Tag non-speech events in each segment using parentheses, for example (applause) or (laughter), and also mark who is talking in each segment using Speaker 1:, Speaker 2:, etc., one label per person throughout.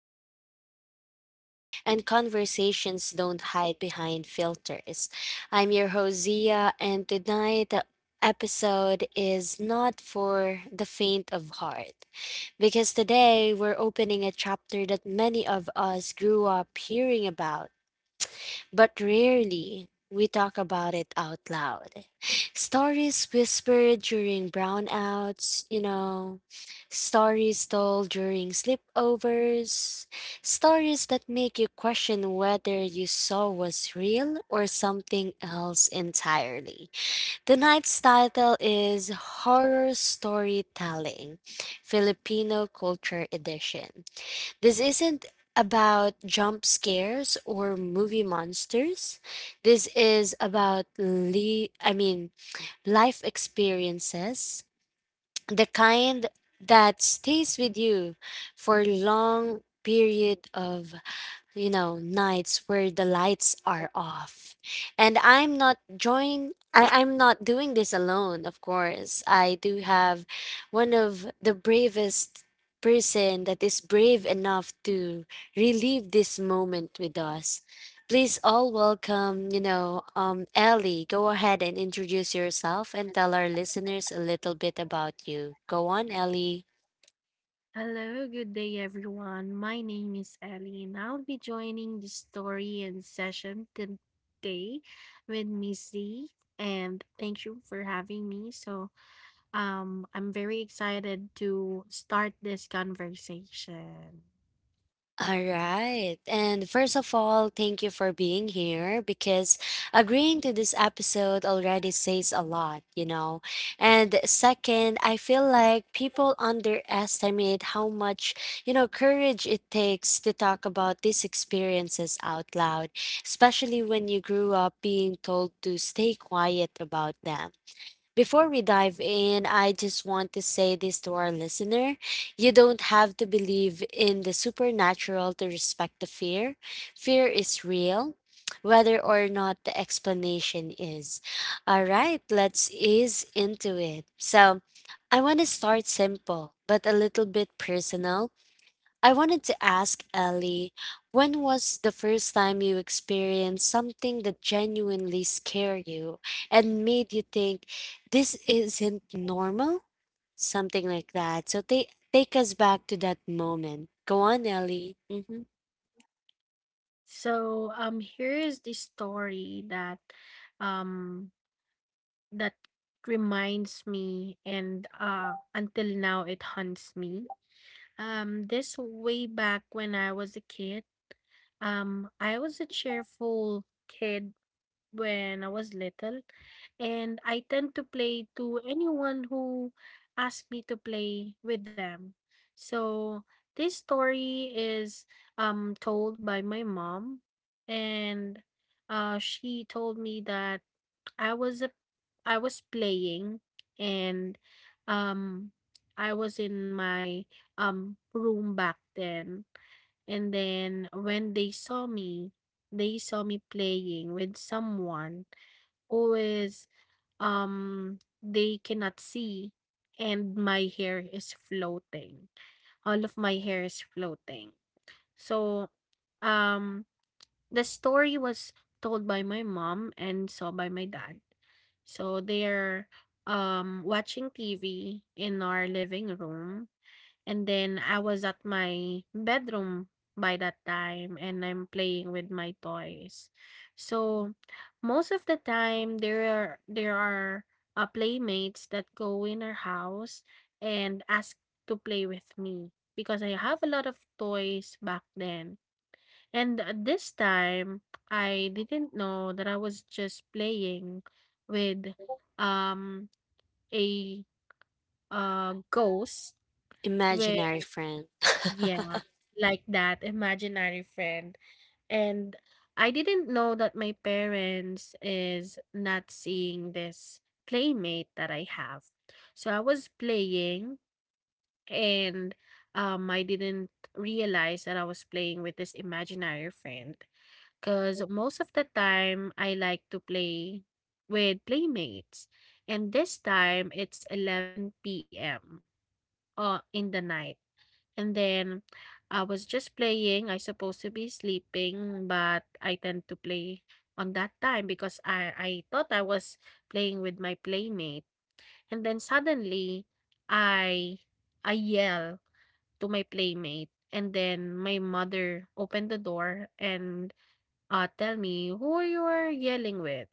Speaker 1: emotions are real, and conversations don't hide behind filters. I'm your host, Zia, and tonight the episode is not for the faint of heart because today we're opening a chapter that many of us grew up hearing about but rarely we talk about it out loud. Stories whispered during brownouts, stories told during sleepovers, stories that make you question whether you saw was real or something else entirely. Tonight's title is Horror Storytelling, Filipino Culture Edition. This isn't about jump scares or movie monsters. This is about life experiences, the kind that stays with you for long period of nights where the lights are off. And I'm not doing this alone, of course. I do have one of the bravest person that is brave enough to relive this moment with us. Please all welcome, Ellie, go ahead and introduce yourself and tell our listeners a little bit about you. Go on, Ellie.
Speaker 2: Hello, good day everyone. My name is Ellie and I'll be joining the story and session today with Miss Z, and thank you for having me. So I'm very excited to start this conversation.
Speaker 1: All right. And first of all, thank you for being here because agreeing to this episode already says a lot, you know. And second, I feel like people underestimate how much, you know, courage it takes to talk about these experiences out loud, especially when you grew up being told to stay quiet about them. Before we dive in, I just want to say this to our listener. You don't have to believe in the supernatural to respect the fear. Fear is real, whether or not the explanation is. All right, let's ease into it. So, I want to start simple, but a little bit personal I wanted to ask Ellie, when was the first time you experienced something that genuinely scared you and made you think this isn't normal? Something like that. So take take us back to that moment. Go on, Ellie. Hmm.
Speaker 2: So here is the story that um that reminds me, and until now it haunts me. This way back when I was a kid. I was a cheerful kid when I was little, and I tend to play to anyone who asks me to play with them. So this story is told by my mom, and she told me that I was a I was playing, and um I was in my room back then, and then when they saw me playing with someone who is, they cannot see, and my hair is floating. All of my hair is floating. So um the story was told by my mom and saw by my dad. So they're watching TV in our living room, and then I was at my bedroom by that time and I'm playing with my toys. So most of the time there are playmates that go in our house and ask to play with me because I have a lot of toys back then. And this time I didn't know that I was just playing with um a ghost. with
Speaker 1: Imaginary friend.
Speaker 2: yeah
Speaker 1: (laughs)
Speaker 2: like that, imaginary friend. And I didn't know that my parents is not seeing this playmate that I have. So I was playing, and I didn't realize that I was playing with this imaginary friend because most of the time I like to play with playmates. And this time it's 11 p.m, in the night. And then I was just playing. I supposed to be sleeping, but I tend to play on that time because I thought I was playing with my playmate. And then suddenly I I yell to my playmate. And then my mother opened the door and, tell me who you were yelling with,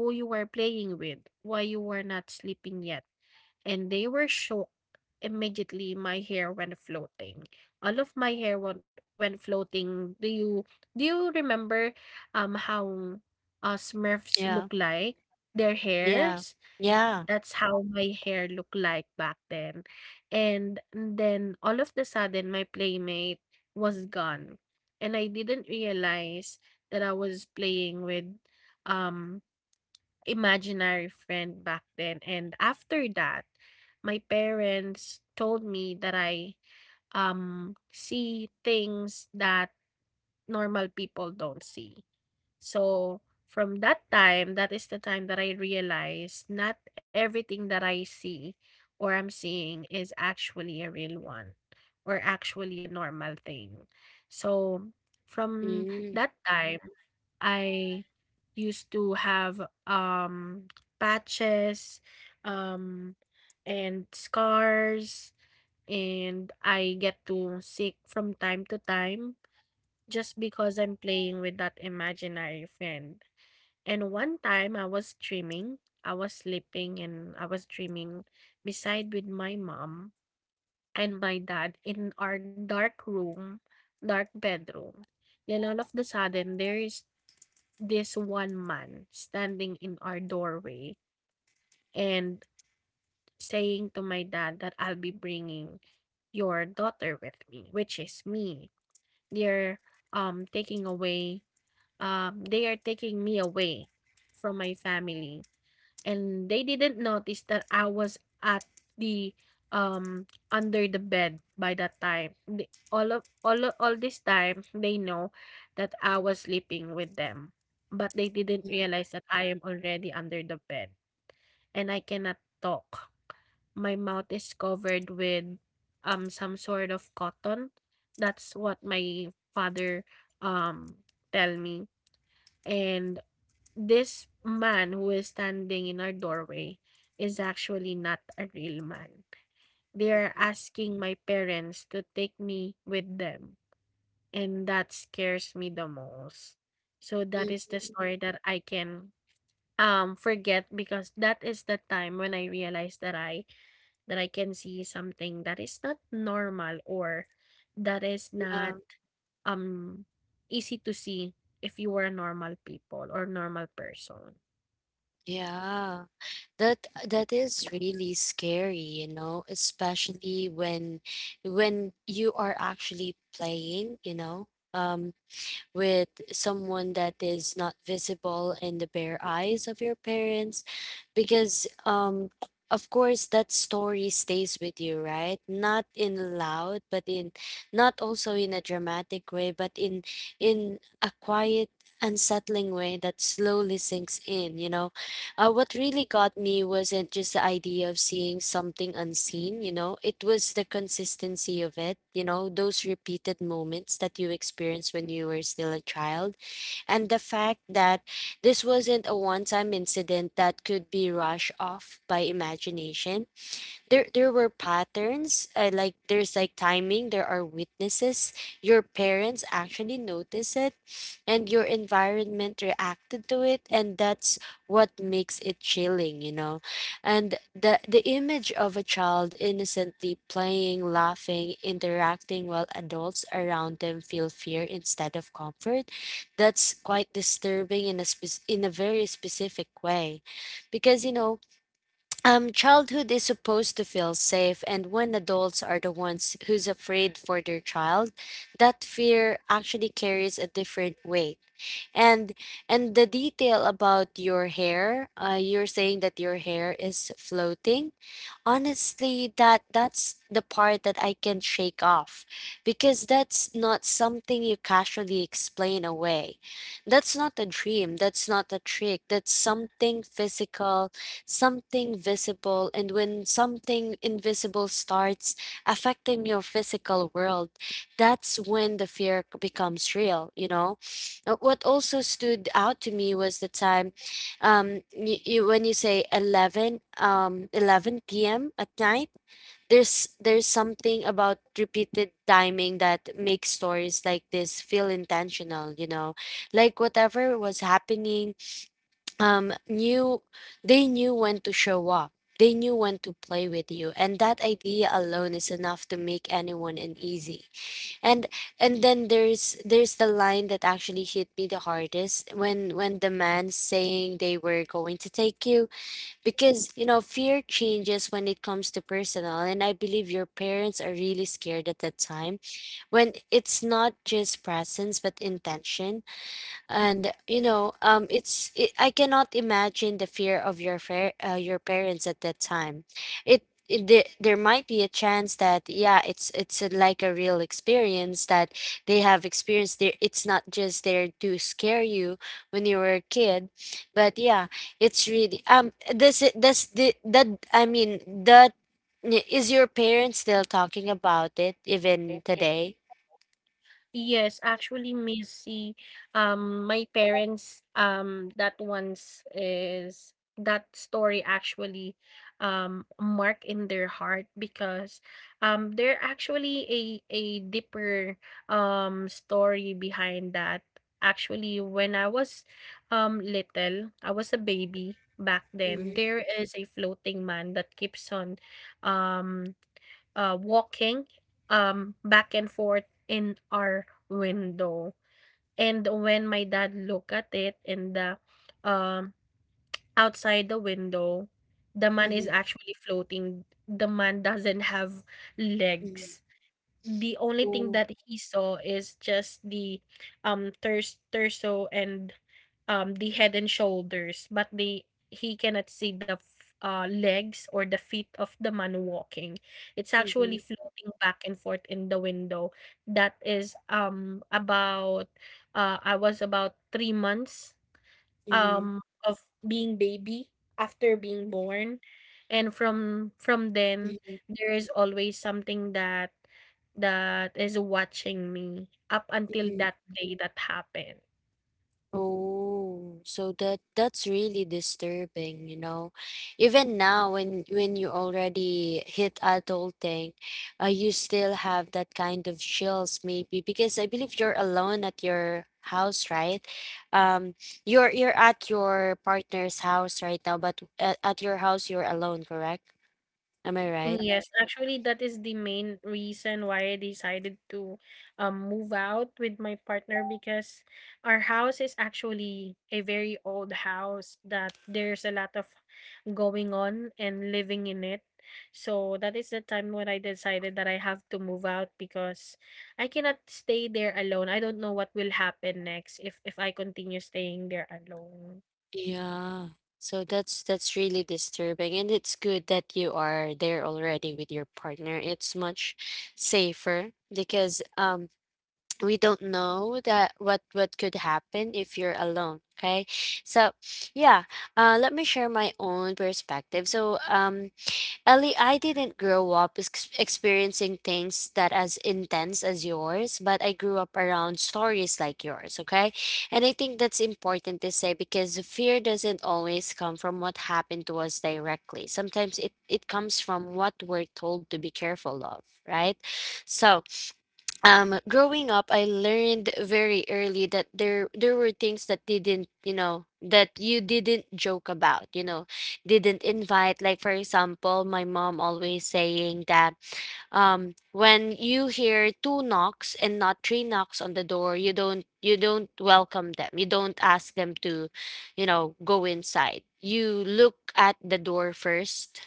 Speaker 2: who you were playing with, why you were not sleeping yet, and they were shocked. Immediately, my hair went floating. All of my hair went floating. Do you remember how Smurfs look
Speaker 1: Yeah.
Speaker 2: like? Their
Speaker 1: Yeah.
Speaker 2: hairs. Yeah.
Speaker 1: Yeah.
Speaker 2: That's how my hair looked like back then. And then all of the sudden, my playmate was gone, and I didn't realize that I was playing with um imaginary friend back then. And after that, my parents told me that I see things that normal people don't see. So from that time, that is the time that I realized not everything that I see or I'm seeing is actually a real one or actually a normal thing. So from
Speaker 1: Mm-hmm.
Speaker 2: that time, I used to have patches um and scars, and I get to sick from time to time just because I'm playing with that imaginary friend. And one time I was dreaming, I was sleeping and I was dreaming beside with my mom and my dad in our dark room, dark bedroom. Then all of the sudden there is this one man standing in our doorway and saying to my dad that I'll be bringing your daughter with me, which is me. They're um taking away they are taking me away from my family, and they didn't notice that I was at the, under the bed by that time. All of all this time they know that I was sleeping with them, but they didn't realize that I am already under the bed and I cannot talk. My mouth is covered with some sort of cotton. That's what my father um tell me. And this man who is standing in our doorway is actually not a real man. They are asking my parents to take me with them, and that scares me the most. So that is the story that I can forget because that is the time when I realized that I can see something that is not normal or that is not
Speaker 1: Yeah.
Speaker 2: um easy to see if you were a normal people or normal person.
Speaker 1: Yeah. That is really scary, you know, especially when you are actually playing, um, with someone that is not visible in the bare eyes of your parents, because of course that story stays with you, right, not in loud but in, not also in a dramatic way but in a quiet, unsettling way that slowly sinks in. What really got me wasn't just the idea of seeing something unseen, it was the consistency of it, those repeated moments that you experience when you were still a child. And the fact that this wasn't a one time incident that could be rushed off by imagination, there were patterns, like, there's, like, timing, there are witnesses, your parents actually notice it, and your environment reacted to it, and that's what makes it chilling. And the image of a child innocently playing, laughing, interacting while adults around them feel fear instead of comfort, that's quite disturbing in a very specific way, because childhood is supposed to feel safe, and when adults are the ones who's afraid for their child, that fear actually carries a different weight. And and the detail about your hair, you're saying that your hair is floating. Honestly, that's the part that I can shake off, because that's not something you casually explain away. That's not a dream, that's not a trick, that's something physical, something visible, and when something invisible starts affecting your physical world, that's when the fear becomes real, you know? What also stood out to me was the time you, you when you say 11 p.m. at night. There's something about repeated timing that makes stories like this feel intentional, you know, like whatever was happening, knew they knew when to show up, they knew when to play with you, and that idea alone is enough to make anyone uneasy. And and then there's the line that actually hit me the hardest, when the man saying they were going to take you, because fear changes when it comes to personal, and I believe your parents are really scared at that time, when it's not just presence but intention. And I cannot imagine the fear of your parents at that time. it, there might be a chance that, yeah, it's like a real experience that they have experienced there, it's not just there to scare you when you were a kid, but yeah, it's really. Does it, does the that I mean, that, is your parents still talking about it even today?
Speaker 2: Yes, actually, Missy, my parents, that once is that story actually mark in their heart because there actually a deeper story behind that. Actually, when I was little, I was a baby back then. There is a floating man that keeps on um walking, back and forth in our window. And when my dad looked at it in the, um, outside the window, the man is
Speaker 1: Mhm,
Speaker 2: actually floating. The man doesn't have
Speaker 1: mhm.
Speaker 2: legs. The only thing
Speaker 1: Oh,
Speaker 2: that he saw is just the thurs torso, and the head and shoulders, but the he cannot see the legs or the feet of the man walking. It's actually
Speaker 1: mhm,
Speaker 2: floating back and forth in the window. That is about, I was about 3 months
Speaker 1: mhm,
Speaker 2: of being baby after being born. And from then
Speaker 1: mhm,
Speaker 2: there is always something that, that is watching me up until
Speaker 1: mhm.
Speaker 2: that day that happened.
Speaker 1: Oh, so that's really disturbing, you know. Even now, when you already hit adulting, you still have that kind of chills, maybe because I believe you're alone at your house, right? Um, you're at your partner's house right now, but at your house you're alone, correct? Am I
Speaker 2: Mm,
Speaker 1: right?
Speaker 2: yes, actually, that is the main reason why I decided to, move out with my partner because our house is actually a very old house that there's a lot of going on and living in it. So that is the time when I decided that I have to move out because I cannot stay there alone. I don't know what will happen next if I continue staying there alone.
Speaker 1: Yeah. So that's really disturbing, and it's good that you are there already with your partner. It's much safer because (tsk) we don't know that what could happen if you're alone, okay? So, yeah, let me share my own perspective. So, Ellie, I didn't grow up experiencing things that as intense as yours, but I grew up around stories like yours, okay? And I think that's important to say, because fear doesn't always come from what happened to us directly. Sometimes it comes from what we're told to be careful of, right? So, growing up I learned very early that there were things that didn't, that you didn't joke about, didn't invite, like, for example, my mom always saying that when you hear two knocks and not three knocks on the door, you don't welcome them, you don't ask them to go inside, you look at the door first,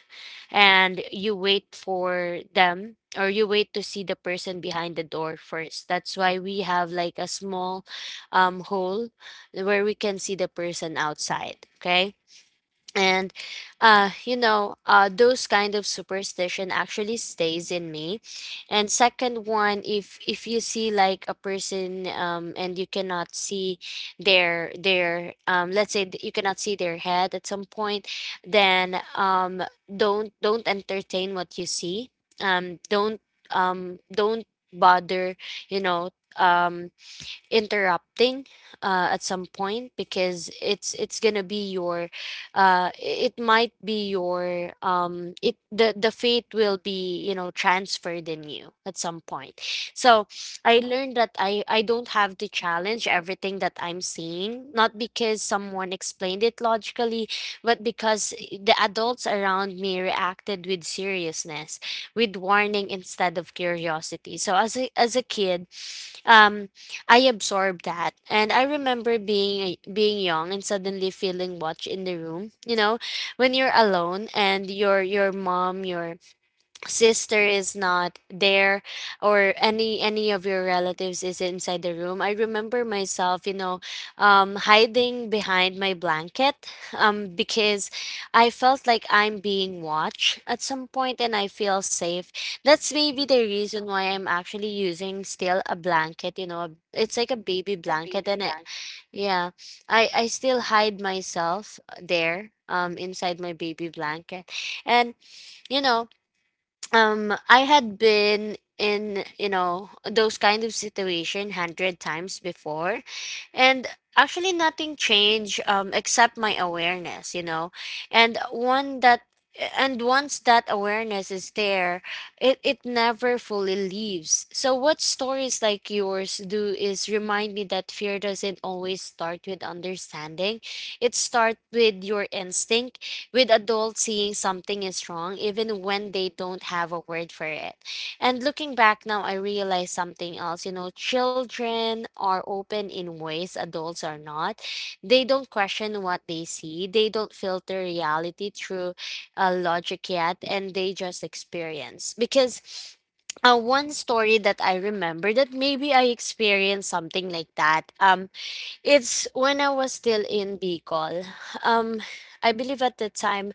Speaker 1: and you wait for them, or you wait to see the person behind the door first. That's why we have, like, a small hole where we can see the person outside. Okay. And those kind of superstition actually stays in me. And second one, if you see, like, a person, and you cannot see their let's say that you cannot see their head at some point, then don't entertain what you see, um don't don't bother, you know um interrupting, at some point, because it's gonna be your it might be your it the fate will be, transferred in you at some point. So I learned that I don't have to challenge everything that I'm seeing, not because someone explained it logically, but because the adults around me reacted with seriousness, with warning instead of curiosity. So, as a kid, um I absorbed that. And I remember being young and suddenly feeling watched in the room, you know, when you're alone, and your mom, your sister is not there, or any of your relatives is inside the room. I remember myself, hiding behind my blanket, because I felt like I'm being watched at some point, and I feel safe. That's maybe the reason why I'm actually using still a blanket, it's like a baby blanket. And yeah, I still hide myself there, inside my baby blanket. And you know I had been in, those kind of situation hundred times before, and actually nothing changed, except my awareness, you know. And one that and once that awareness is there, it never fully leaves. So what stories like yours do is remind me that fear doesn't always start with understanding, it starts with your instinct, with adults seeing something is wrong even when they don't have a word for it. And looking back now, I realize something else. You know, children are open in ways adults are not. They don't question what they see, they don't filter reality through logic yet, and they just experience. Because one story that I remember that maybe I experienced something like that. It's when I was still in Bicol. Um, I believe at the time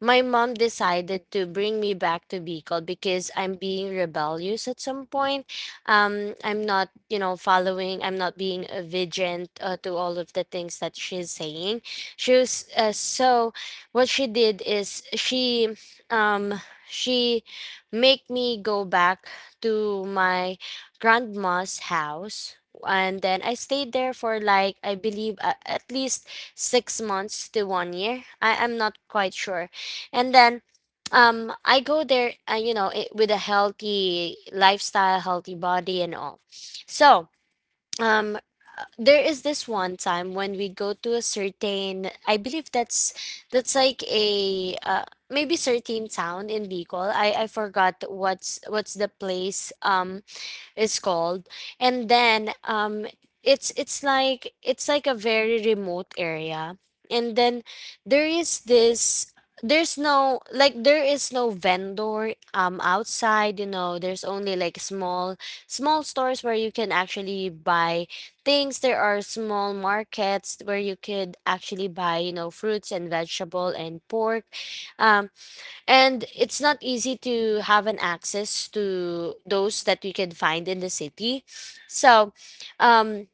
Speaker 1: my mom decided to bring me back to Bicol because I'm being rebellious at some point. I'm not, following, I'm not being vigilant to all of the things that she's saying. So what she did is um, she make me go back to my grandma's house. And then I stayed there for, like, I believe, at least 6 months to one year. I'm not quite sure. And then I go there, with a healthy lifestyle, healthy body and all. So um there is this one time when we go to a certain, I believe that's like a maybe certain town in Bicol. I forgot what's the place is called. And then it's like a very remote area. And then there is this, there's no like, there is no vendor outside, you know. There's only like small, small stores where you can actually buy things. There are small markets where you could actually buy, you know, fruits and vegetable and pork. um and it's not easy to have an access to those that we can find in the city. So, um,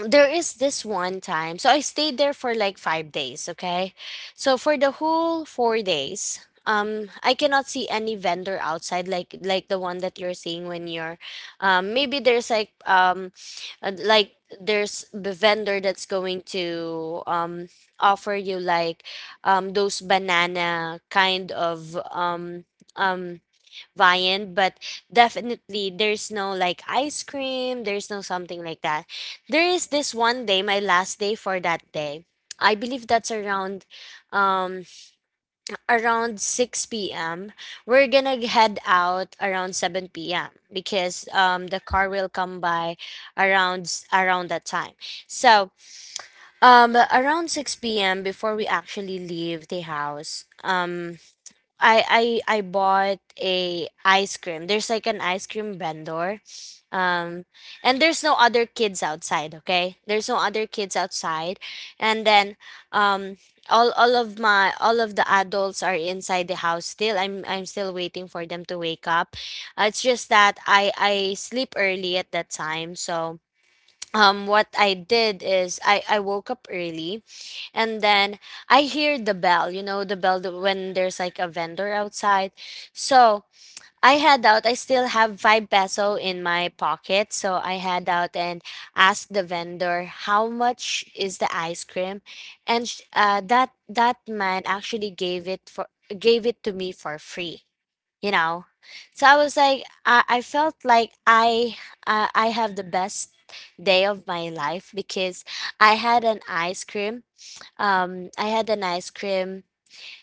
Speaker 1: there is this one time. So I stayed there for like 5 days, okay? So for the whole 4 days, I cannot see any vendor outside, like the one that you're seeing when you're, maybe there's like, uh, like there's the vendor that's going to, offer you like, those banana kind of, um viand. But definitely there's no like ice cream, there's no something like that. There is this one day, my last day for that day. I believe that's around, um around 6 p.m. We're gonna head out around 7 p.m. because the car will come by around around that time. So around 6 p.m., before we actually leave the house, I bought a ice cream. There's like an ice cream vendor. Um and there's no other kids outside, okay? There's no other kids outside. And then um all of the adults are inside the house still. I'm still waiting for them to wake up. It's just that I sleep early at that time. So what I did is I woke up early. And then I hear the bell, you know, the bell that when there's like a vendor outside. So I had out, I still have five peso in my pocket. So I had out and asked the vendor, how much is the ice cream? And that man actually gave it to me for free, you know. So I felt like I have the best day of my life because I had an ice cream. I had an ice cream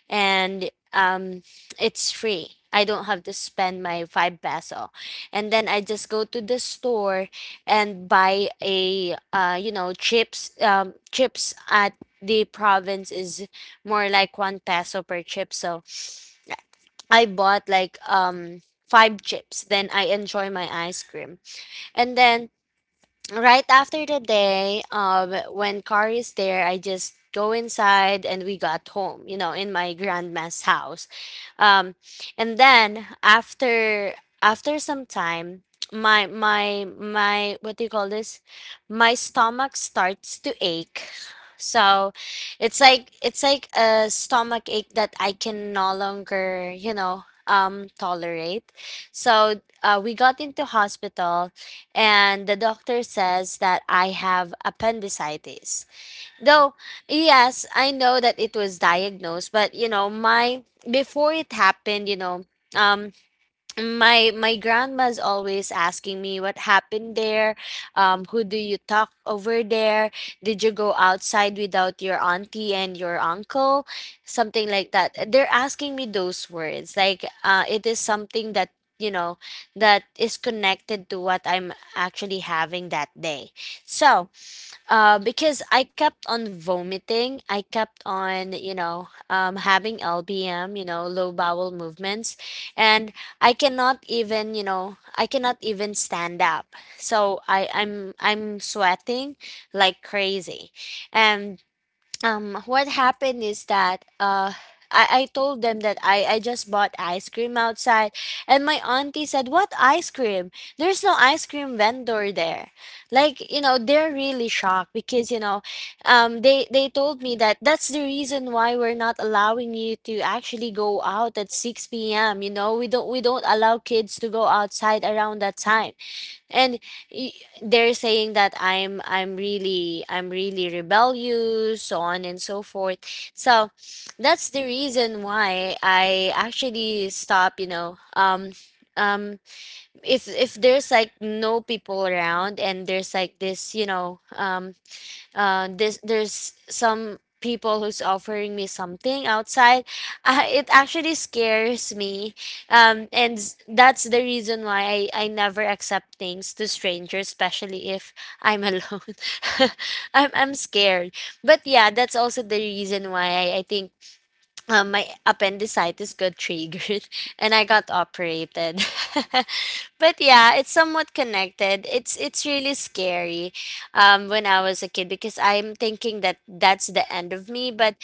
Speaker 1: and It's free, I don't have to spend my five peso. And then I just go to the store and buy a you know chips, chips at the province is more like one peso per chip. So I bought like five chips. Then I enjoy my ice cream. And then right after the day, when car is there, I just go inside and we got home, you know, in my grandma's house. Um, and then after, after some time, my what do you call this? My stomach starts to ache. So it's like a stomach ache that I can no longer, you know, tolerate. So we got into hospital and the doctor says that I have appendicitis. Though, yes, I know that it was diagnosed, but you know, my, before it happened, you know, um my, my grandma's always asking me what happened there, who do you talk over there, did you go outside without your auntie and your uncle, something like that. They're asking me those words like, it is something that, you know, that is connected to what I'm actually having that day. So because I kept on vomiting. I kept on, you know, having LBM, you know, low bowel movements, and I cannot even, you know, I cannot even stand up. So I'm sweating like crazy. And what happened is that I told them that I just bought ice cream outside. And my auntie said, what ice cream? There's no ice cream vendor there. Like, you know, they're really shocked because, you know, they told me that that's the reason why we're not allowing you to actually go out at 6 p.m. You know, we don't allow kids to go outside around that time. And y- they're saying that I'm really rebellious, so on and so forth. So that's the reason why I actually stop, you know. Um if there's like no people around, and there's like this, you know, this, there's some people who's offering me something outside (laughs) it actually scares me. And that's the reason why I never accept things to strangers, especially if I'm alone. (laughs) I'm scared. But yeah, that's also the reason why I think my appendicitis got triggered (laughs) and I got operated. (laughs) But yeah, it's somewhat connected. It's really scary when I was a kid because I'm thinking that that's the end of me. But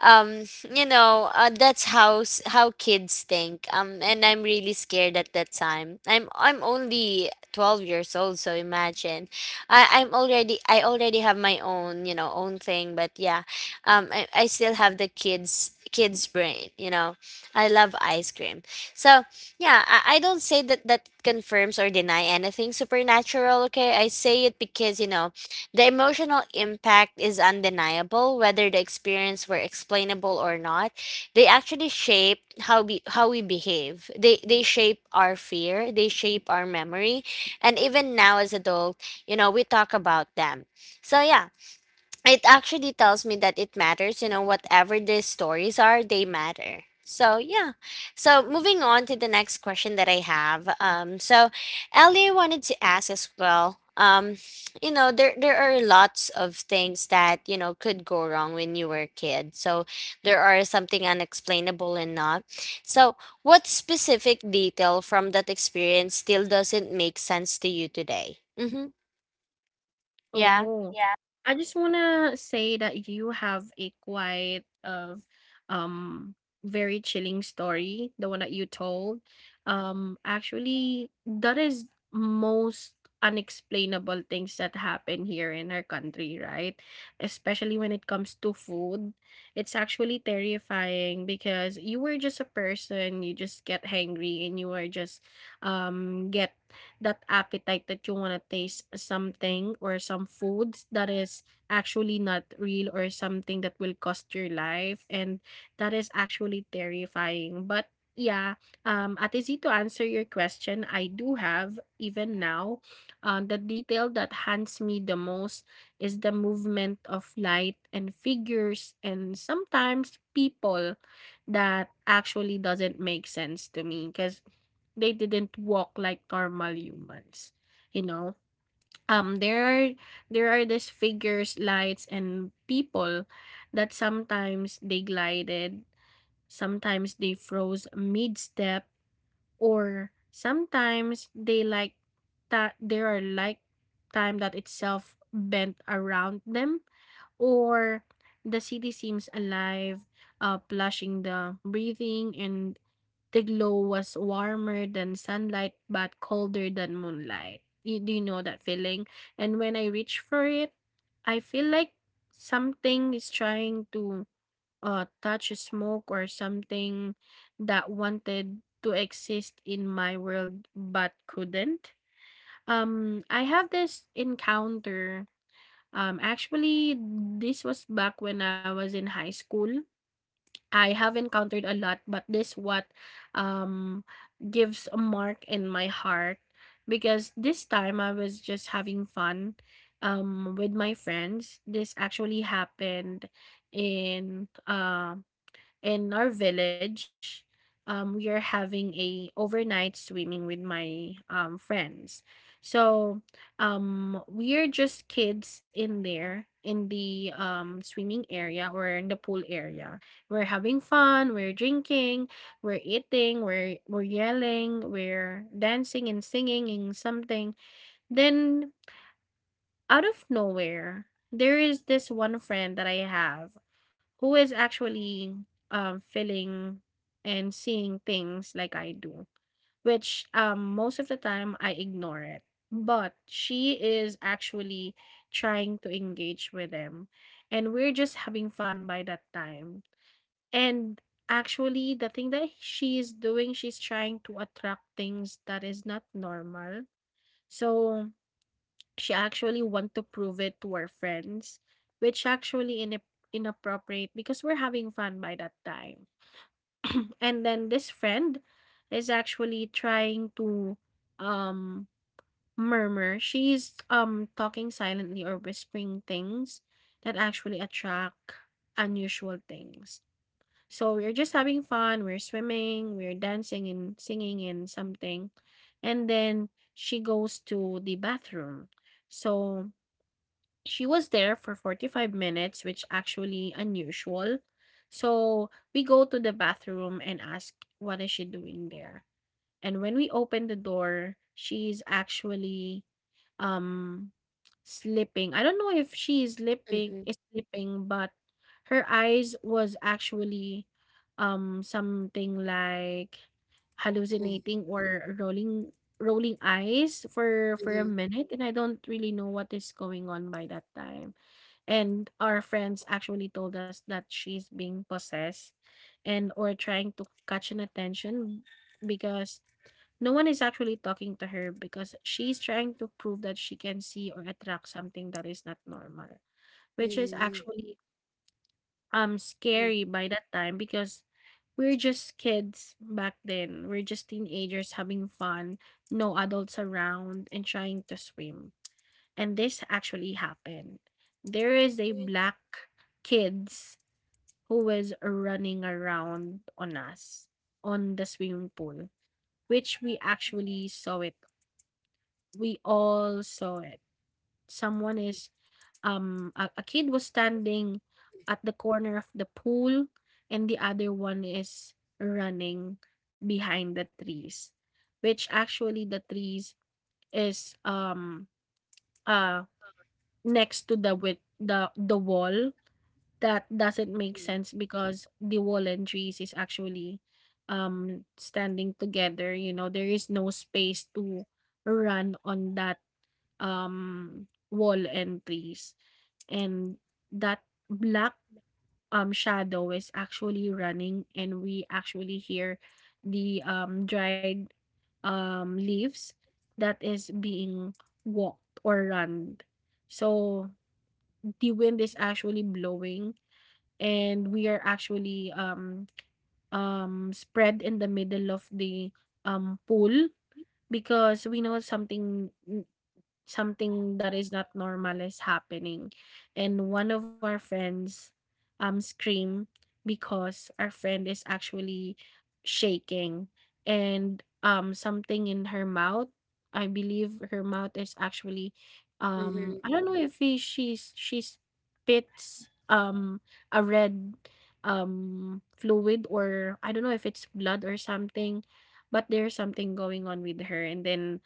Speaker 1: um, you know, that's how kids think. And I'm really scared at that time. I'm only 12 years old, so imagine, I already have my own, you know, own thing. But yeah, I still have the kids brain, you know. I love ice cream. So yeah, I don't say that that confirms or deny anything supernatural, okay? I say it because, you know, the emotional impact is undeniable, whether the experience were explainable or not. They actually shape how we behave. They shape our fear, they shape our memory. And even now as adult, you know, we talk about them. So yeah, it actually tells me that it matters, you know. Whatever the stories are, they matter. So yeah, so moving on to the next question that I have. So Ellie wanted to ask as well. You know, there are lots of things that, you know, could go wrong when you were a kid. So there are something unexplainable and not. So what specific detail from that experience still doesn't make sense to you today? Mm-hmm. Yeah.
Speaker 2: Oh, yeah. I just wanna say that you have a quite of um very chilling story, the one that you told. Actually, that is most unexplainable things that happen here in our country, right? Especially when it comes to food. It's actually terrifying because you were just a person, you just get hangry, and you are just get that appetite that you wanna taste something or some foods that is actually not real or something that will cost your life, and that is actually terrifying. But yeah, Ate Z, to answer your question, I do have even now, the detail that haunts me the most is the movement of light and figures and sometimes people that actually doesn't make sense to me because they didn't walk like normal humans, you know. Um there are there are these figures, lights, and people that sometimes they glided, sometimes they froze mid step, or sometimes they like that there are like time that itself bent around them. Or the city seems alive, plushing the breathing, and the glow was warmer than sunlight but colder than moonlight. You, do you know that feeling? And when I reach for it, I feel like something is trying to, touch a smoke or something that wanted to exist in my world but couldn't. I have this encounter. Actually, this was back when I was in high school. I have encountered a lot, but this what um gives a mark in my heart because this time I was just having fun with my friends. This actually happened in um in our village. We are having a overnight swimming with my, friends. So we are just kids in there in the, swimming area or in the pool area. We're having fun. We're drinking. We're eating. We're yelling. We're dancing and singing and something. Then out of nowhere, there is this one friend that I have who is actually, feeling and seeing things like I do, which, most of the time I ignore it. But she is actually trying to engage with them. And we're just having fun by that time. And actually, the thing that she is doing, she's trying to attract things that is not normal. So she actually want to prove it to her friends, which actually in inappropriate because we're having fun by that time. (clears throat) And then this friend is actually trying to um murmur. She's talking silently or whispering things that actually attract unusual things. So we're just having fun, we're swimming, we're dancing and singing and something. And then she goes to the bathroom. So she was there for 45 minutes, which actually unusual. So we go to the bathroom and ask what is she doing there. And when we open the door, she's actually, um, sleeping. I don't know if she
Speaker 1: Mm-hmm.
Speaker 2: is sleeping, but her eyes was actually something like hallucinating or rolling eyes for a minute, and I don't really know what is going on by that time. And our friends actually told us that she's being possessed and or trying to catch an attention because no one is actually talking to her because she's trying to prove that she can see or attract something that is not normal, which is
Speaker 1: Mm-hmm.
Speaker 2: actually
Speaker 1: Mhm,
Speaker 2: scary by that time because we're just kids back then. We're just teenagers having fun, no adults around and trying to swim. And this actually happened. There is a black kids who was running around on us on the swimming pool, which we actually saw it we all saw it. Someone is, a kid was standing at the corner of the pool, and the other one is running behind the trees, which actually the trees is uh next to the with the wall that doesn't make
Speaker 1: mhm,
Speaker 2: sense because the wall and trees is actually standing together, you know, there is no space to run on that wall and trees. And that black shadow is actually running, and we actually hear the dried leaves that is being walked or run. So the wind is actually blowing, and we are actually spread in the middle of the pool because we know something that is not normal is happening. And one of our friends screamed because our friend is actually shaking and something in her mouth. I believe her mouth is actually I don't know if he, she's she spits a red fluid, or I don't know if it's blood or something, but there's something going on with her. And then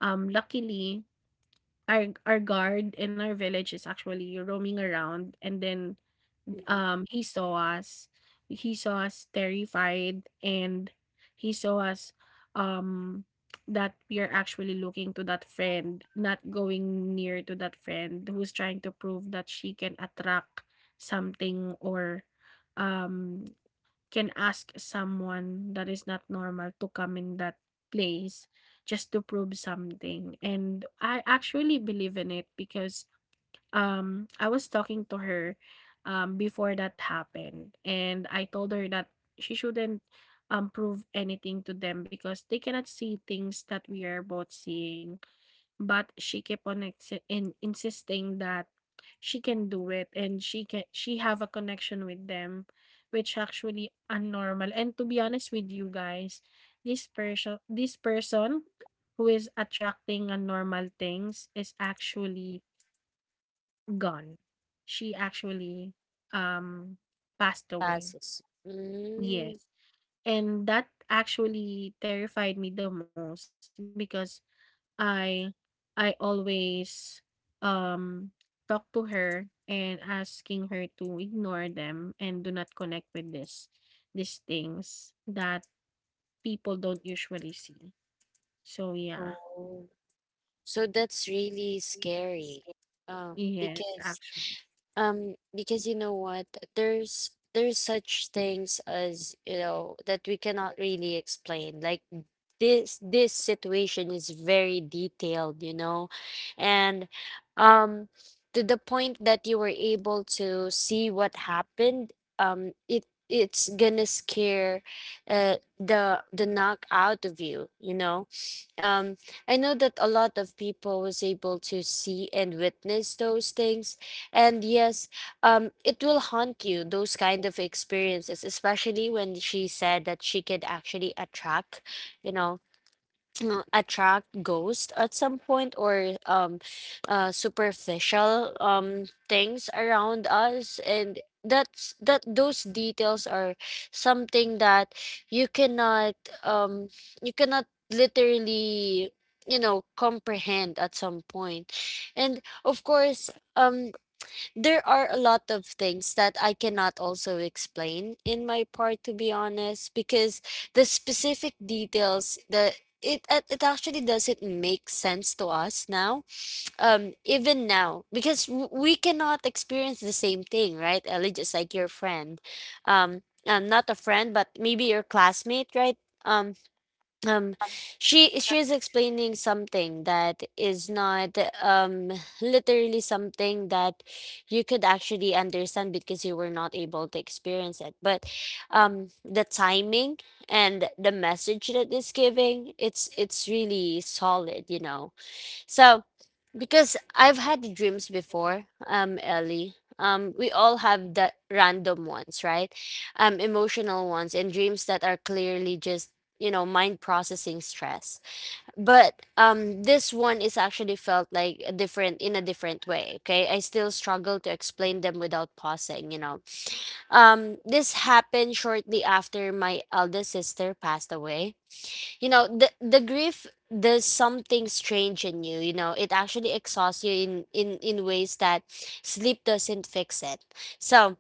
Speaker 2: luckily our guard in our village is actually roaming around, and then
Speaker 1: mhm.
Speaker 2: he saw us, terrified, and he saw us um that we are actually looking to that friend, not going near to that friend who's trying to prove that she can attract something or um can ask someone that is not normal to come in that place just to prove something. And I actually believe in it because I was talking to her before that happened, and I told her that she shouldn't prove anything to them because they cannot see things that we are both seeing, but she kept on exi in insisting that she can do it and she can she have a connection with them, which actually abnormal. And to be honest with you guys, this person who is attracting abnormal things is actually gone. She actually um passed away.
Speaker 1: Passes. Mm,
Speaker 2: Yes. And that actually terrified me the most because I always, um, talk to her and asking her to ignore them and do not connect with this these things that people don't usually see. So, yeah.
Speaker 1: oh. So that's really scary.
Speaker 2: Yes,
Speaker 1: Because.
Speaker 2: actually.
Speaker 1: Because you know what, there's such things as, you know, that we cannot really explain. Like this situation is very detailed, you know. And um to the point that you were able to see what happened, it's gonna scare the knock out of you, you know. Um I know that a lot of people was able to see and witness those things. And yes, it will haunt you, those kind of experiences, especially when she said that she could actually attract, you know, (clears throat) attract ghosts at some point. Or superficial, things around us. And that's, that those details are something that you cannot, um you cannot literally, you know, comprehend at some point. And of course, um there are a lot of things that I cannot also explain in my part, to be honest, because the specific details, the, it actually doesn't make sense to us now, even now, because we cannot experience the same thing, right, Ellie? Just like your friend, um not a friend, but maybe your classmate, right? Um, um she she's explaining something that is not literally something that you could actually understand because you were not able to experience it. But the timing and the message that it's giving, it's really solid, you know. So, because I've had dreams before, Ellie. We all have the random ones, right? Emotional ones and dreams that are clearly just, you know, mind processing stress. But this one is actually felt like a different in a different way. Okay, I still struggle to explain them without pausing. This happened shortly after my eldest sister passed away. The grief does something strange in you you know It actually exhausts you in ways that sleep doesn't fix it. So,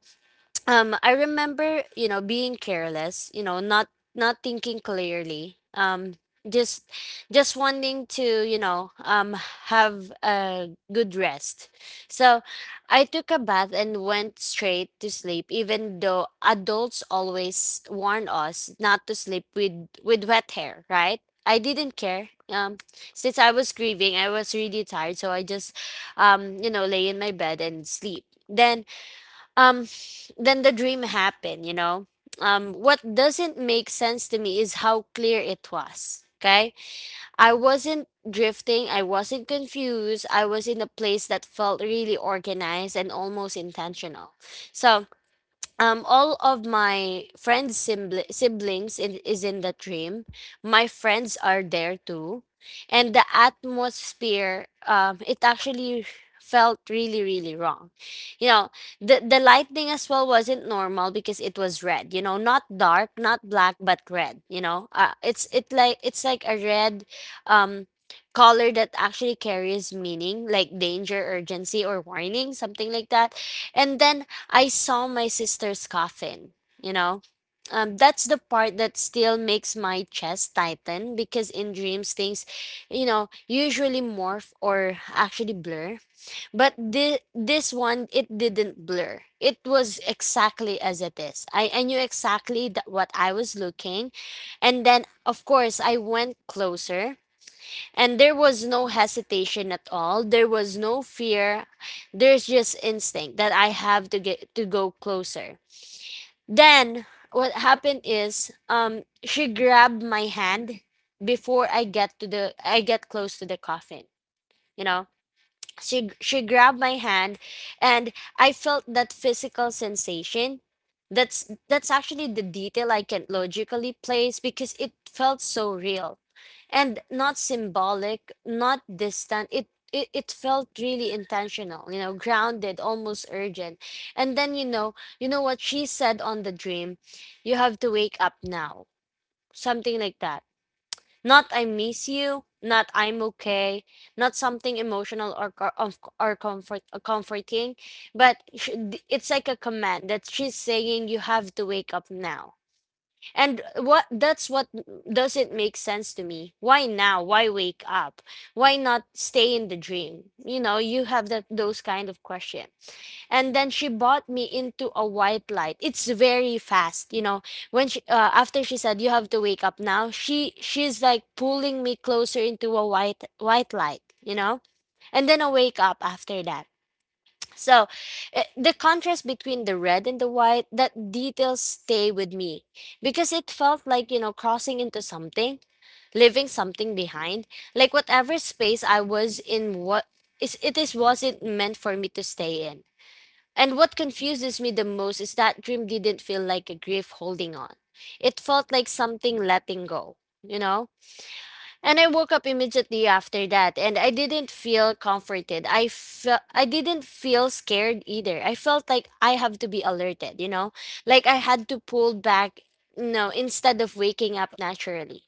Speaker 1: I remember, being careless, not thinking clearly. Just just wanting to, have a good rest. So I took a bath and went straight to sleep, even though adults always warn us not to sleep with wet hair, right? I didn't care. Since I was grieving, I was really tired, so I just, lay in my bed and sleep. Then, um then the dream happened. What doesn't make sense to me is how clear it was. Okay, I wasn't drifting, I wasn't confused. I was in a place that felt really organized and almost intentional. So, all of my siblings is in the dream. My friends are there too. And the atmosphere, it actually felt really, really wrong you know the lightning as well wasn't normal because it was red, not dark, not black, but red. It's like a red um color that actually carries meaning, like danger, urgency, or warning, something like that. And then I saw my sister's coffin, you know? That's the part that still makes my chest tighten because in dreams things, usually morph or actually blur. But this one, it didn't blur. It was exactly as it is. I knew exactly that what I was looking. And then, of course, I went closer, and there was no hesitation at all. There was no fear. There's just instinct that I have to get to go closer. Then what happened is, she grabbed my hand before I get close to the coffin. you know she grabbed my hand, and I felt that physical sensation. That's actually the detail I can logically place because it felt so real, and not symbolic, not distant. It felt really intentional, grounded, almost urgent. And then, you know what she said on the dream? "You have to wake up now," something like that. Not "I miss you," not "I'm okay," not something emotional or comfort or comforting, but it's like a command that she's saying, "You have to wake up now." And what that's what doesn't make sense to me. Why now? Why wake up? Why not stay in the dream? You have that those kind of questions. And then she bought me into a white light. It's very fast. When she After she said, "You have to wake up now," she's like pulling me closer into a white light. And then I wake up after that. So, the contrast between the red and the white, that details stay with me, because it felt like, crossing into something, leaving something behind, like whatever space I was in what is it is wasn't meant for me to stay in. And what confuses me the most is that dream didn't feel like a grief holding on. It felt like something letting go, you know? And I woke up immediately after that, and I didn't feel comforted. I didn't feel scared either. I felt like I have to be alerted. Like I had to pull back. No, instead of waking up naturally.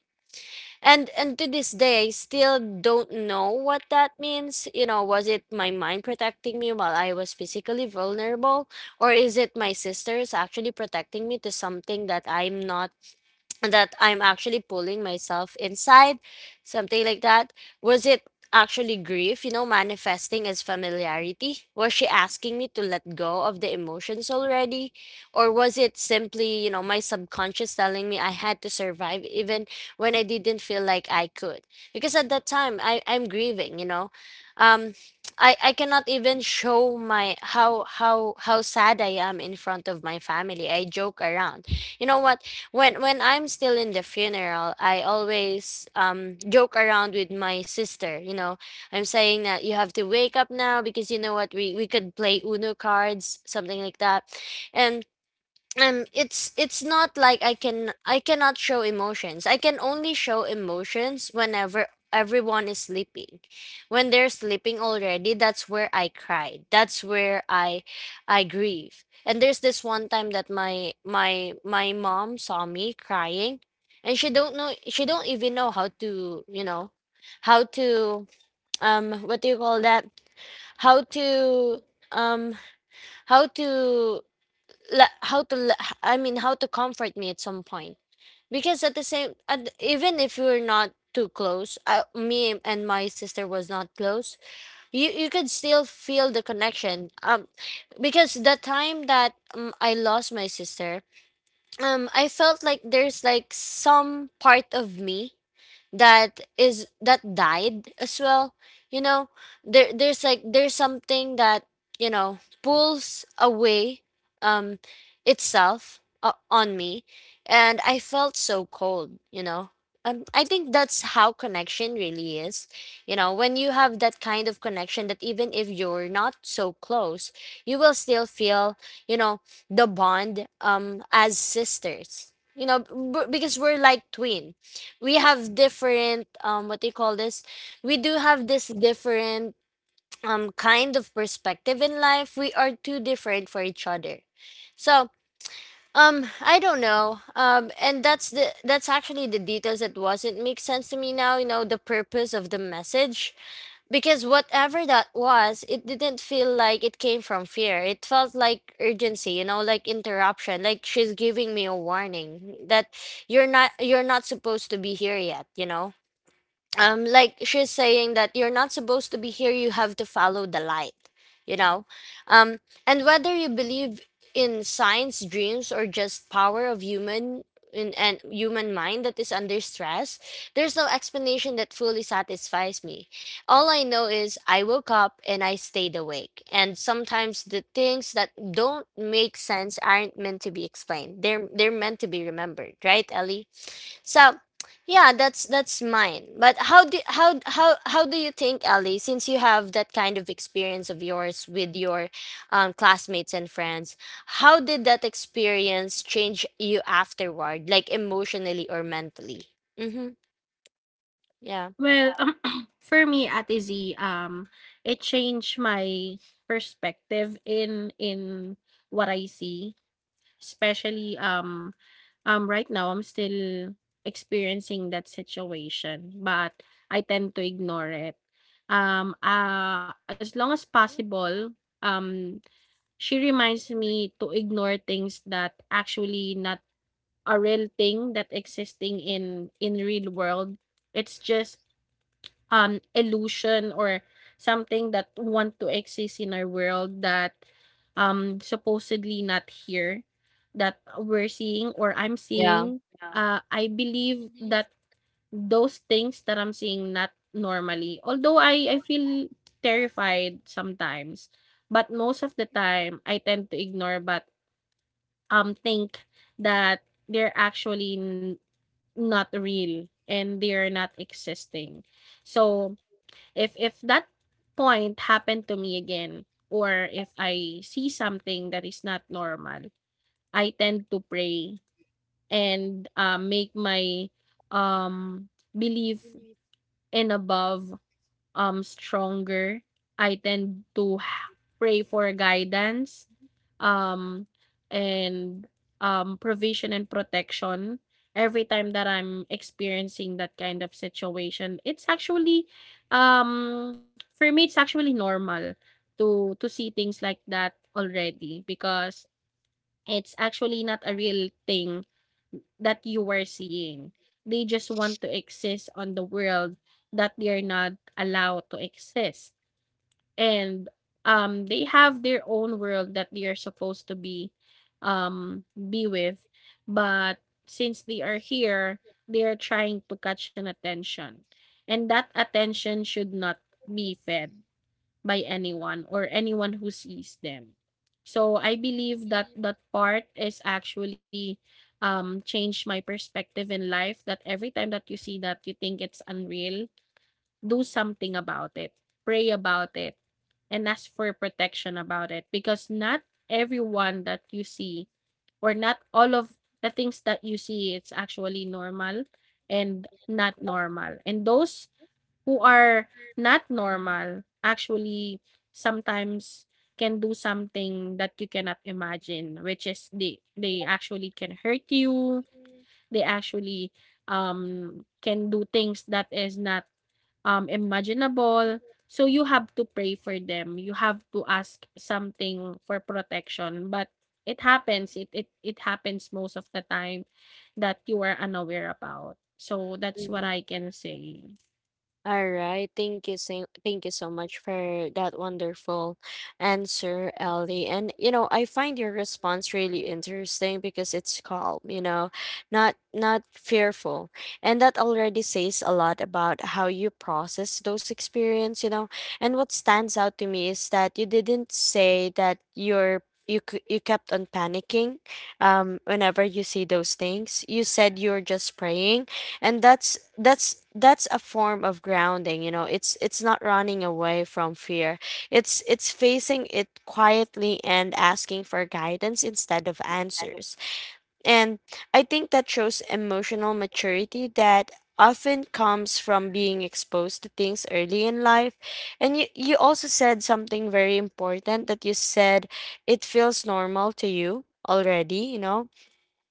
Speaker 1: And to this day, I still don't know what that means. Was it my mind protecting me while I was physically vulnerable? Or is it my sisters actually protecting me to something that I'm not, that I'm actually pulling myself inside, something like that. Was it actually grief, manifesting as familiarity? Was she asking me to let go of the emotions already? Or was it simply, my subconscious telling me I had to survive even when I didn't feel like I could? Because at that time, I'm grieving. Um I cannot even show my how sad I am in front of my family. I joke around. You know what? When I'm still in the funeral, I always joke around with my sister. I'm saying that you have to wake up now because you know what, we could play Uno cards, something like that. And it's not like I cannot show emotions. I can only show emotions whenever everyone is sleeping. When they're sleeping already, that's where I cried, that's where I grieve. And there's this one time that my mom saw me crying, and she don't know, she don't even know how to, how to, what do you call that, how to, um how to, I mean, how to comfort me at some point. Because at the same at, even if we are not too close, me and my sister was not close. You could still feel the connection. Because the time that, I lost my sister, I felt like there's like some part of me that died as well. you know there's something that, pulls away, um itself, on me. And I felt so cold. I think that's how connection really is. When you have that kind of connection that even if you're not so close, you will still feel, you know the bond, as sisters, because we're like twin. We have different, what do you call this, we do have this different, kind of perspective in life. We are too different for each other. So, I don't know. And that's actually the details that wasn't make sense to me now, the purpose of the message. Because whatever that was, it didn't feel like it came from fear. It felt like urgency, like interruption, like she's giving me a warning that you're not supposed to be here yet. Like she's saying that you're not supposed to be here, you have to follow the light. you know um and whether you believe in science, dreams, or just power of human, in and human mind that is under stress, there's no explanation that fully satisfies me. All I know is I woke up and I stayed awake. And sometimes the things that don't make sense aren't meant to be explained, they're meant to be remembered, right, Ellie? So, yeah, that's mine. But how do you think, Ellie, since you have that kind of experience of yours with your, classmates and friends, how did that experience change you afterward, like emotionally or mentally? Mm-hmm. Yeah.
Speaker 2: Well, (clears throat) for me, Ate Z, it changed my perspective in what I see. Especially, right now, I'm still experiencing that situation, but I tend to ignore it. As long as possible, um, she reminds me to ignore things that actually not a real thing that existing in real world. It's just illusion or something that want to exist in our world that supposedly not here that we're seeing or I'm seeing. Yeah. I believe that those things that I'm seeing not normally, although I feel terrified sometimes, but most of the time I tend to ignore, but think that they're actually not real and they are not existing. So if that point happened to me again, or if I see something that is not normal, I tend to pray and make my um belief in above stronger. I tend to pray for guidance, um, and provision and protection every time that I'm experiencing that kind of situation. It's actually, for me, it's actually normal to see things like that already because it's actually not a real thing that you were seeing. They just want to exist on the world that they are not allowed to exist, and they have their own world that they are supposed to be with, but since they are here, they are trying to catch an attention, and that attention should not be fed by anyone or anyone who sees them. So I believe that that part is actually changed my perspective in life, that every time that you see that you think it's unreal, do something about it, pray about it, and ask for protection about it, because not everyone that you see or not all of the things that you see it's actually normal and not normal. And those who are not normal actually sometimes can do something that you cannot imagine, which is they actually can hurt you. They actually can do things that is not imaginable. So you have to pray for them. You have to ask something for protection. But it happens. It happens most of the time that you are unaware about. So that's what
Speaker 1: Yeah.
Speaker 2: I can say.
Speaker 1: All right. Thank you. So, thank you so much for that wonderful answer, Ellie. And, I find your response really interesting because it's calm, not fearful. And that already says a lot about how you process those experience. And what stands out to me is that you didn't say that you kept on panicking, whenever you see those things. You said you're just praying, and that's a form of grounding. It's not running away from fear, it's facing it quietly and asking for guidance instead of answers. And I think that shows emotional maturity that often comes from being exposed to things early in life. And you also said something very important, that you said it feels normal to you already.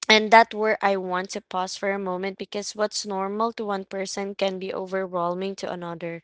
Speaker 1: And that where I want to pause for a moment, because what's normal to one person can be overwhelming to another.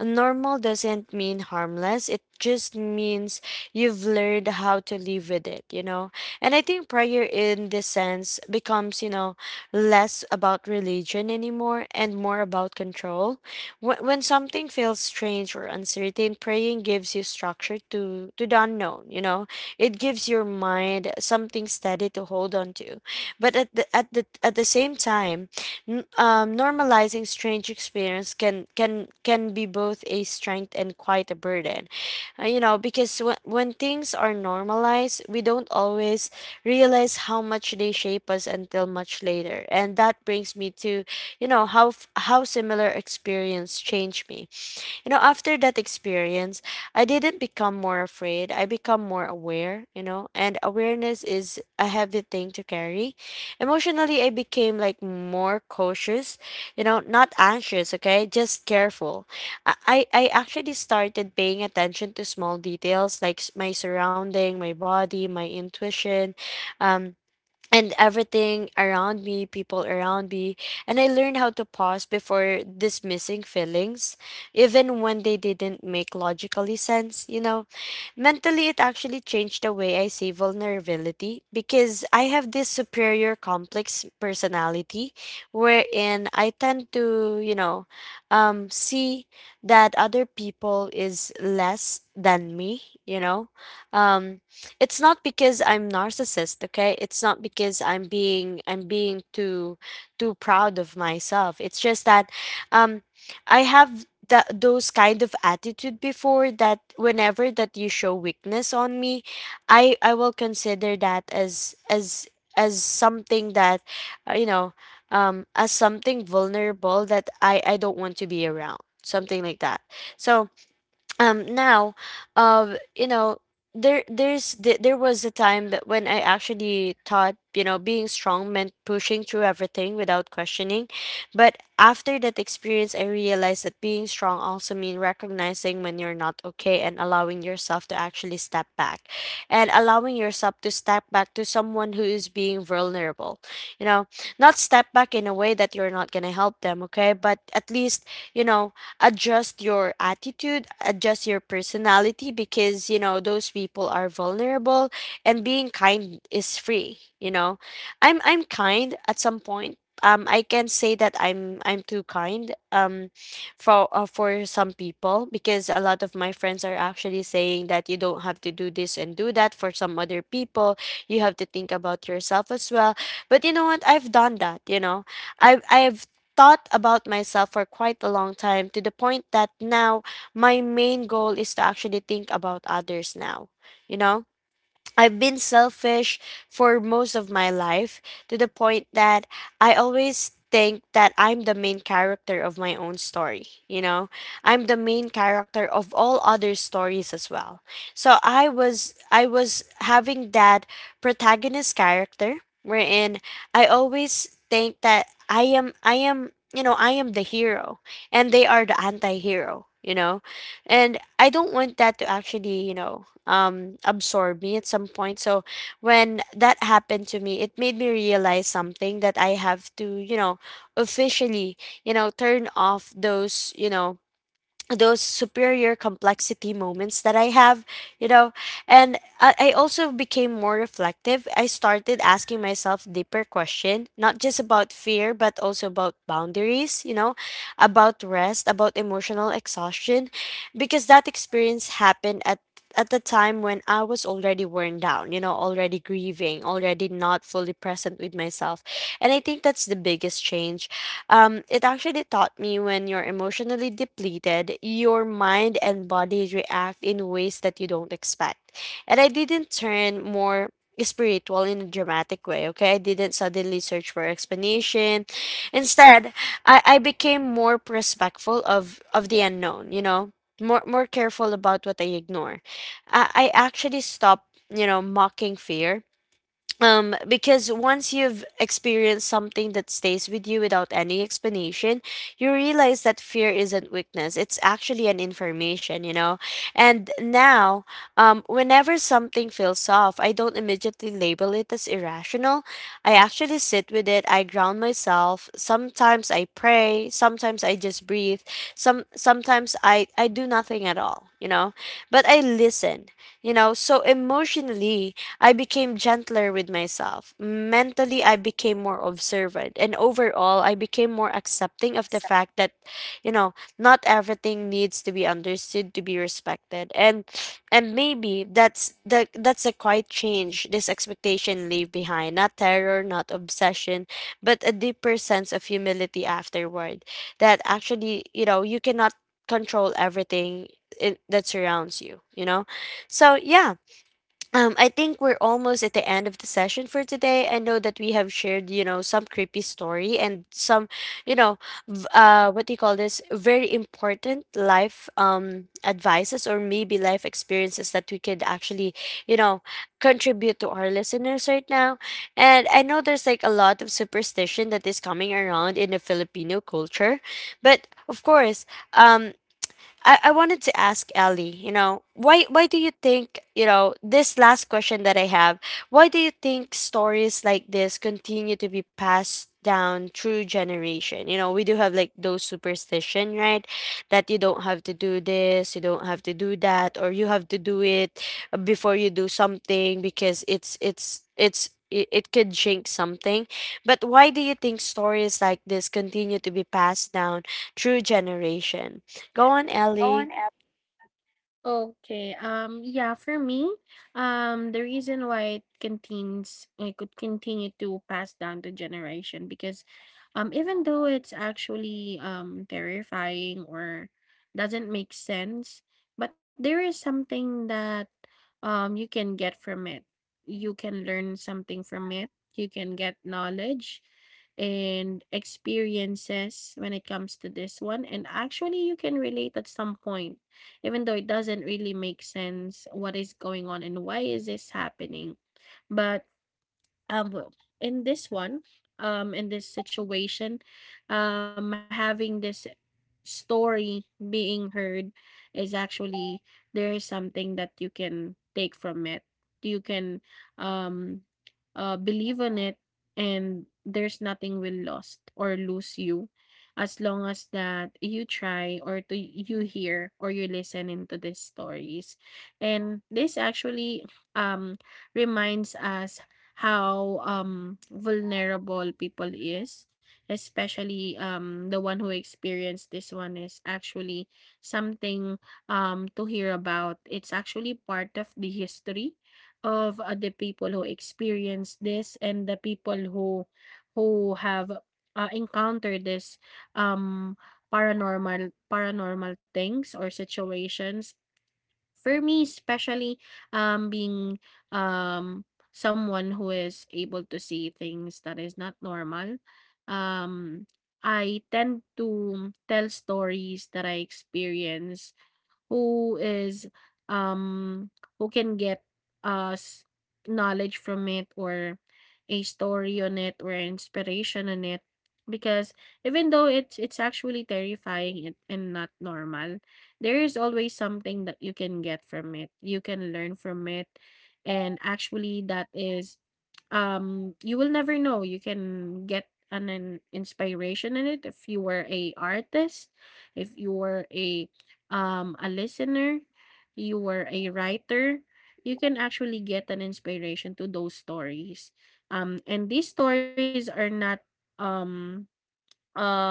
Speaker 1: Normal doesn't mean harmless. It just means you've learned how to live with it. And I think prayer in this sense becomes, less about religion anymore and more about control. When something feels strange or uncertain, praying gives you structure to the unknown. It gives your mind something steady to hold on to, but at the same time, normalizing strange experience can be both a strength and quite a burden. Because when things are normalized, we don't always realize how much they shape us until much later. And that brings me to, how similar experience changed me. After that experience, I didn't become more afraid. I become more aware, and awareness is a heavy thing to carry. Emotionally, I became like more cautious, not anxious, okay? Just careful. I actually started paying attention to small details, like my surrounding, my body, my intuition, um, and everything around me, people around me. And I learned how to pause before dismissing feelings, even when they didn't make logically sense. Mentally, it actually changed the way I see vulnerability, because I have this superior complex personality wherein I tend to, see that other people is less than me. Um, it's not because I'm narcissist, okay? It's not because I'm being too proud of myself. It's just that um, I have that those kind of attitude before that whenever that you show weakness on me I will consider that as as something that uh, you know as something vulnerable that I don't want to be around, something like that. So now, um you know there was a time that when I actually thought, you know, being strong meant pushing through everything without questioning. But after that experience I realized that being strong also means recognizing when you're not okay and allowing yourself to actually step back, and allowing yourself to step back to someone who is being vulnerable, you know. Not step back in a way that you're not going to help them, okay, but at least, you know adjust your attitude, adjust your personality because, you know, those people are vulnerable. And being kind is free, you know. I'm kind at some point. I can say that I'm too kind, for some people, because a lot of my friends are actually saying that you don't have to do this and do that for some other people. You have to think about yourself as well. But you know what? I've done that, you know. I've thought about myself for quite a long time, to the point that now my main goal is to actually think about others now, you know. I've been selfish for most of my life, to the point that I always think that I'm the main character of my own story. You know, I'm the main character of all other stories as well. So I was having that protagonist character wherein I always think that I am, you know, I am the hero and they are the anti-hero. You know, and I don't want that to actually, absorb me at some point. So when that happened to me, it made me realize something, that I have to, you know, officially, turn off those, those superior complexity moments that I have, you know. And I also became more reflective. I started asking myself deeper question, not just about fear, but also about boundaries, you know, about rest, about emotional exhaustion, because that experience happened at the time when I was already worn down, you know, already grieving, already not fully present with myself. And I think that's the biggest change. It actually taught me, when you're emotionally depleted, your mind and body react in ways that you don't expect. And I didn't turn more spiritual in a dramatic way, okay? I didn't suddenly search for explanation. Instead, I became more respectful of, the unknown, you know? More, careful about what I ignore. I actually stopped, you know, mocking fear, because once you've experienced something that stays with you without any explanation, you realize that fear isn't weakness, it's actually an information, you know. And now, whenever something feels off, I don't immediately label it as irrational. I actually sit with it, I ground myself. Sometimes I pray, sometimes I just breathe, sometimes I do nothing at all, you know, but I listen. You know, so emotionally I became gentler with myself. Mentally, I became more observant. And overall, I became more accepting of the fact that, you know, not everything needs to be understood to be respected. And maybe that's a quiet change this expectation leave behind. Not terror, not obsession, but a deeper sense of humility afterward. That actually, you know, you cannot control everything in, that surrounds you, you know? So yeah, I think we're almost at the end of the session for today. I know that we have shared, you know, some creepy story and some, you know, what do you call this? Very important life advices, or maybe life experiences that we could actually, you know, contribute to our listeners right now. And I know there's like a lot of superstition that is coming around in the Filipino culture, but of course. Um, I wanted to ask Ellie, you know, why do you think, you know, this last question that I have, why do you think stories like this continue to be passed down through generation? You know, we do have like those superstition, right? That you don't have to do this, you don't have to do that, or you have to do it before you do something because it it could jinx something. But why do you think stories like this continue to be passed down through generation? Go on, Ellie.
Speaker 2: Okay. Yeah, for me, the reason why it could continue to pass down to generation because even though it's actually terrifying or doesn't make sense, but there is something that you can get from it. You can learn something from it. You can get knowledge and experiences when it comes to this one, and actually you can relate at some point, even though it doesn't really make sense what is going on and why is this happening. But well, in this one, in this situation, having this story being heard is actually there is something that you can take from it. You can um, believe in it, and there's nothing will lost or lose you, as long as that you try or to you hear or you listen into these stories. And this actually um reminds us how vulnerable people is, especially the one who experienced this one is actually something to hear about. It's actually part of the history of the people who experienced this, and the people who have encountered this um paranormal things or situations. For me, especially, being, um, someone who is able to see things that is not normal, um, I tend to tell stories that I experience, who is um who can get us knowledge from it, or a story on it, or inspiration on it, because even though it's actually terrifying and not normal, there is always something that you can get from it, you can learn from it. And actually that is you will never know, you can get an inspiration in it if you were a artist, if you were a listener, you were a writer, you can actually get an inspiration to those stories. And these stories are not um, uh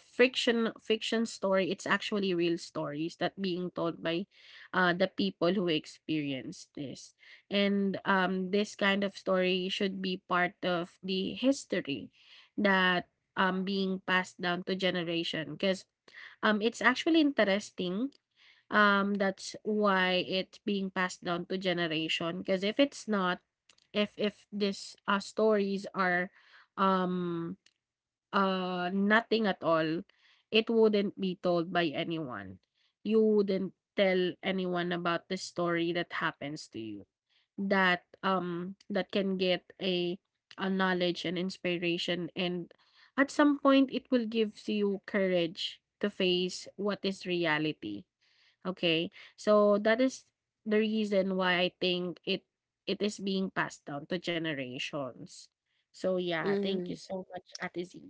Speaker 2: fiction story. It's actually real stories that being told by the people who experienced this. And this kind of story should be part of the history that being passed down to generation, because it's actually interesting, that's why it's being passed down to generation. Because if it's not, if this stories are um nothing at all, it wouldn't be told by anyone. You wouldn't tell anyone about the story that happens to you, that that can get a knowledge and inspiration, and at some point it will give you courage to face what is reality. Okay. So that is the reason why I think it is being passed down to generations. So yeah, thank you
Speaker 1: Mhm.
Speaker 2: so much, Ate Z.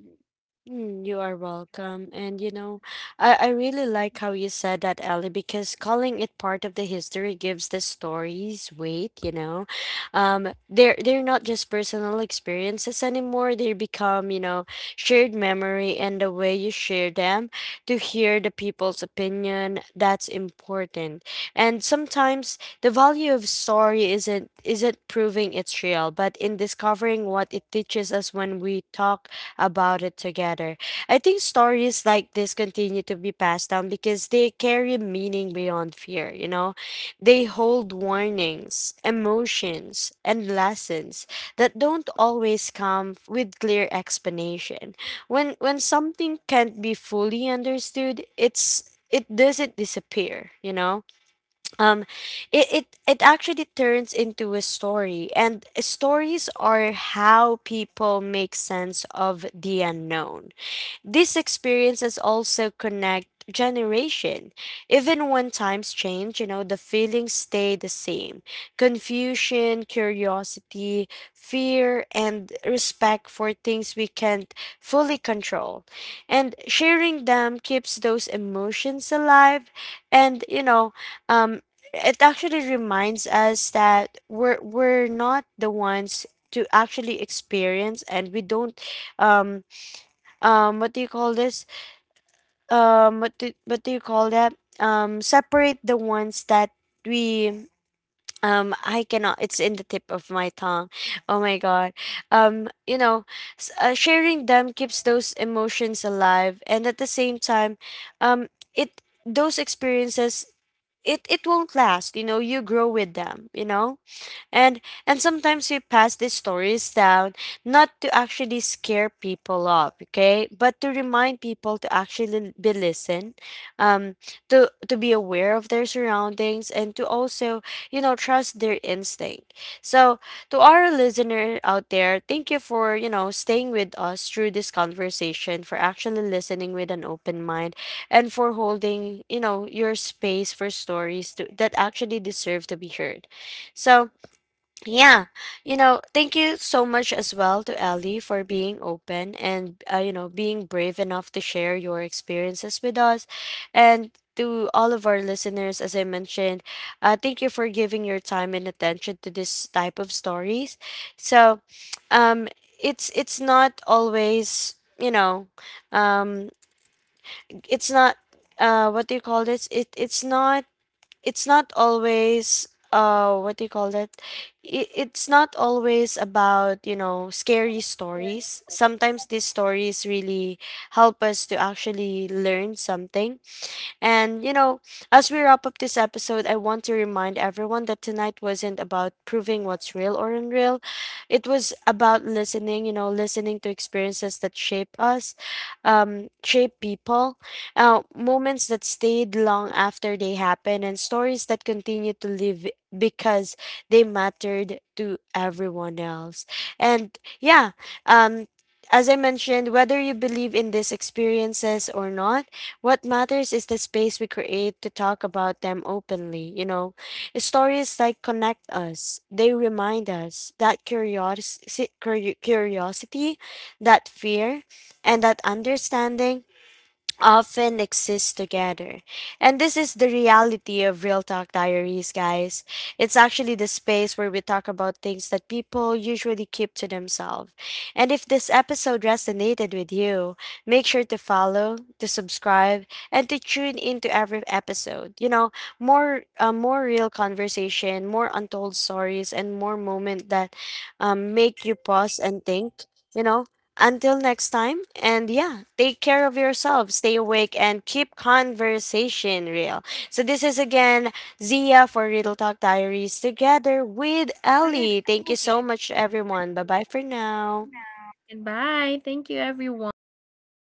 Speaker 1: Mm, you are welcome. And you know, I really like how you said that, Ellie, because calling it part of the history gives the stories weight, you know. They're not just personal experiences anymore. They become, you know, shared memory, and the way you share them to hear the people's opinion, that's important. And sometimes the value of story isn't proving it's real, but in discovering what it teaches us when we talk about it together. I think stories like this continue to be passed down because they carry meaning beyond fear, you know? They hold warnings, emotions, and lessons that don't always come with clear explanation. When something can't be fully understood, it doesn't disappear, you know? um it actually turns into a story, and stories are how people make sense of the unknown. These experiences also connect generation. Even when times change, you know, the feelings stay the same. Confusion, curiosity, fear, and respect for things we can't fully control. And sharing them keeps those emotions alive and, you know, um it actually reminds us that we're not the ones to actually experience, and we don't, um what do you call this, what do you call that, separate the ones that we, I cannot, it's in the tip of my tongue. Oh my god. um you know Sharing them keeps those emotions alive, and at the same time, um it those experiences, it won't last, you know, you grow with them, you know. And sometimes we pass these stories down not to actually scare people off, okay, but to remind people to actually be listened, um to be aware of their surroundings, and to also, you know, trust their instinct. So, to our listener out there, thank you for, you know, staying with us through this conversation, for actually listening with an open mind, and for holding, you know, your space for stories that actually deserve to be heard. So yeah, you know, thank you so much as well to Ellie for being open and, you know, being brave enough to share your experiences with us, and to all of our listeners, as I mentioned, thank you for giving your time and attention to this type of stories. So, um, it's not always, you know, um, it's not, what do you call this? It's not, it's not always, what do you call that. It's not always about, you know, scary stories. Sometimes these stories really help us to actually learn something. And, you know, as we wrap up this episode, I want to remind everyone that tonight wasn't about proving what's real or unreal. It was about listening, you know, listening to experiences that shape us, shape people, moments that stayed long after they happened, and stories that continue to live because they mattered to everyone else. And yeah, um, as I mentioned, whether you believe in these experiences or not, what matters is the space we create to talk about them openly, you know. Stories like connect us. They remind us that curiosity, curiosity, that fear, and that understanding often exist together. And this is the reality of Real Talk Diaries, guys. It's actually the space where we talk about things that people usually keep to themselves. And if this episode resonated with you, make sure to follow, to subscribe, and to tune into every episode. You know, more real conversation, more untold stories, and more moment that, make you pause and think. You know, until next time, and yeah, take care of yourself, stay awake, and keep conversation real. So, this is again Zia for Riddle Talk Diaries together with Ellie. Thank you so much, everyone. Bye bye for now.
Speaker 2: And bye. Thank you everyone.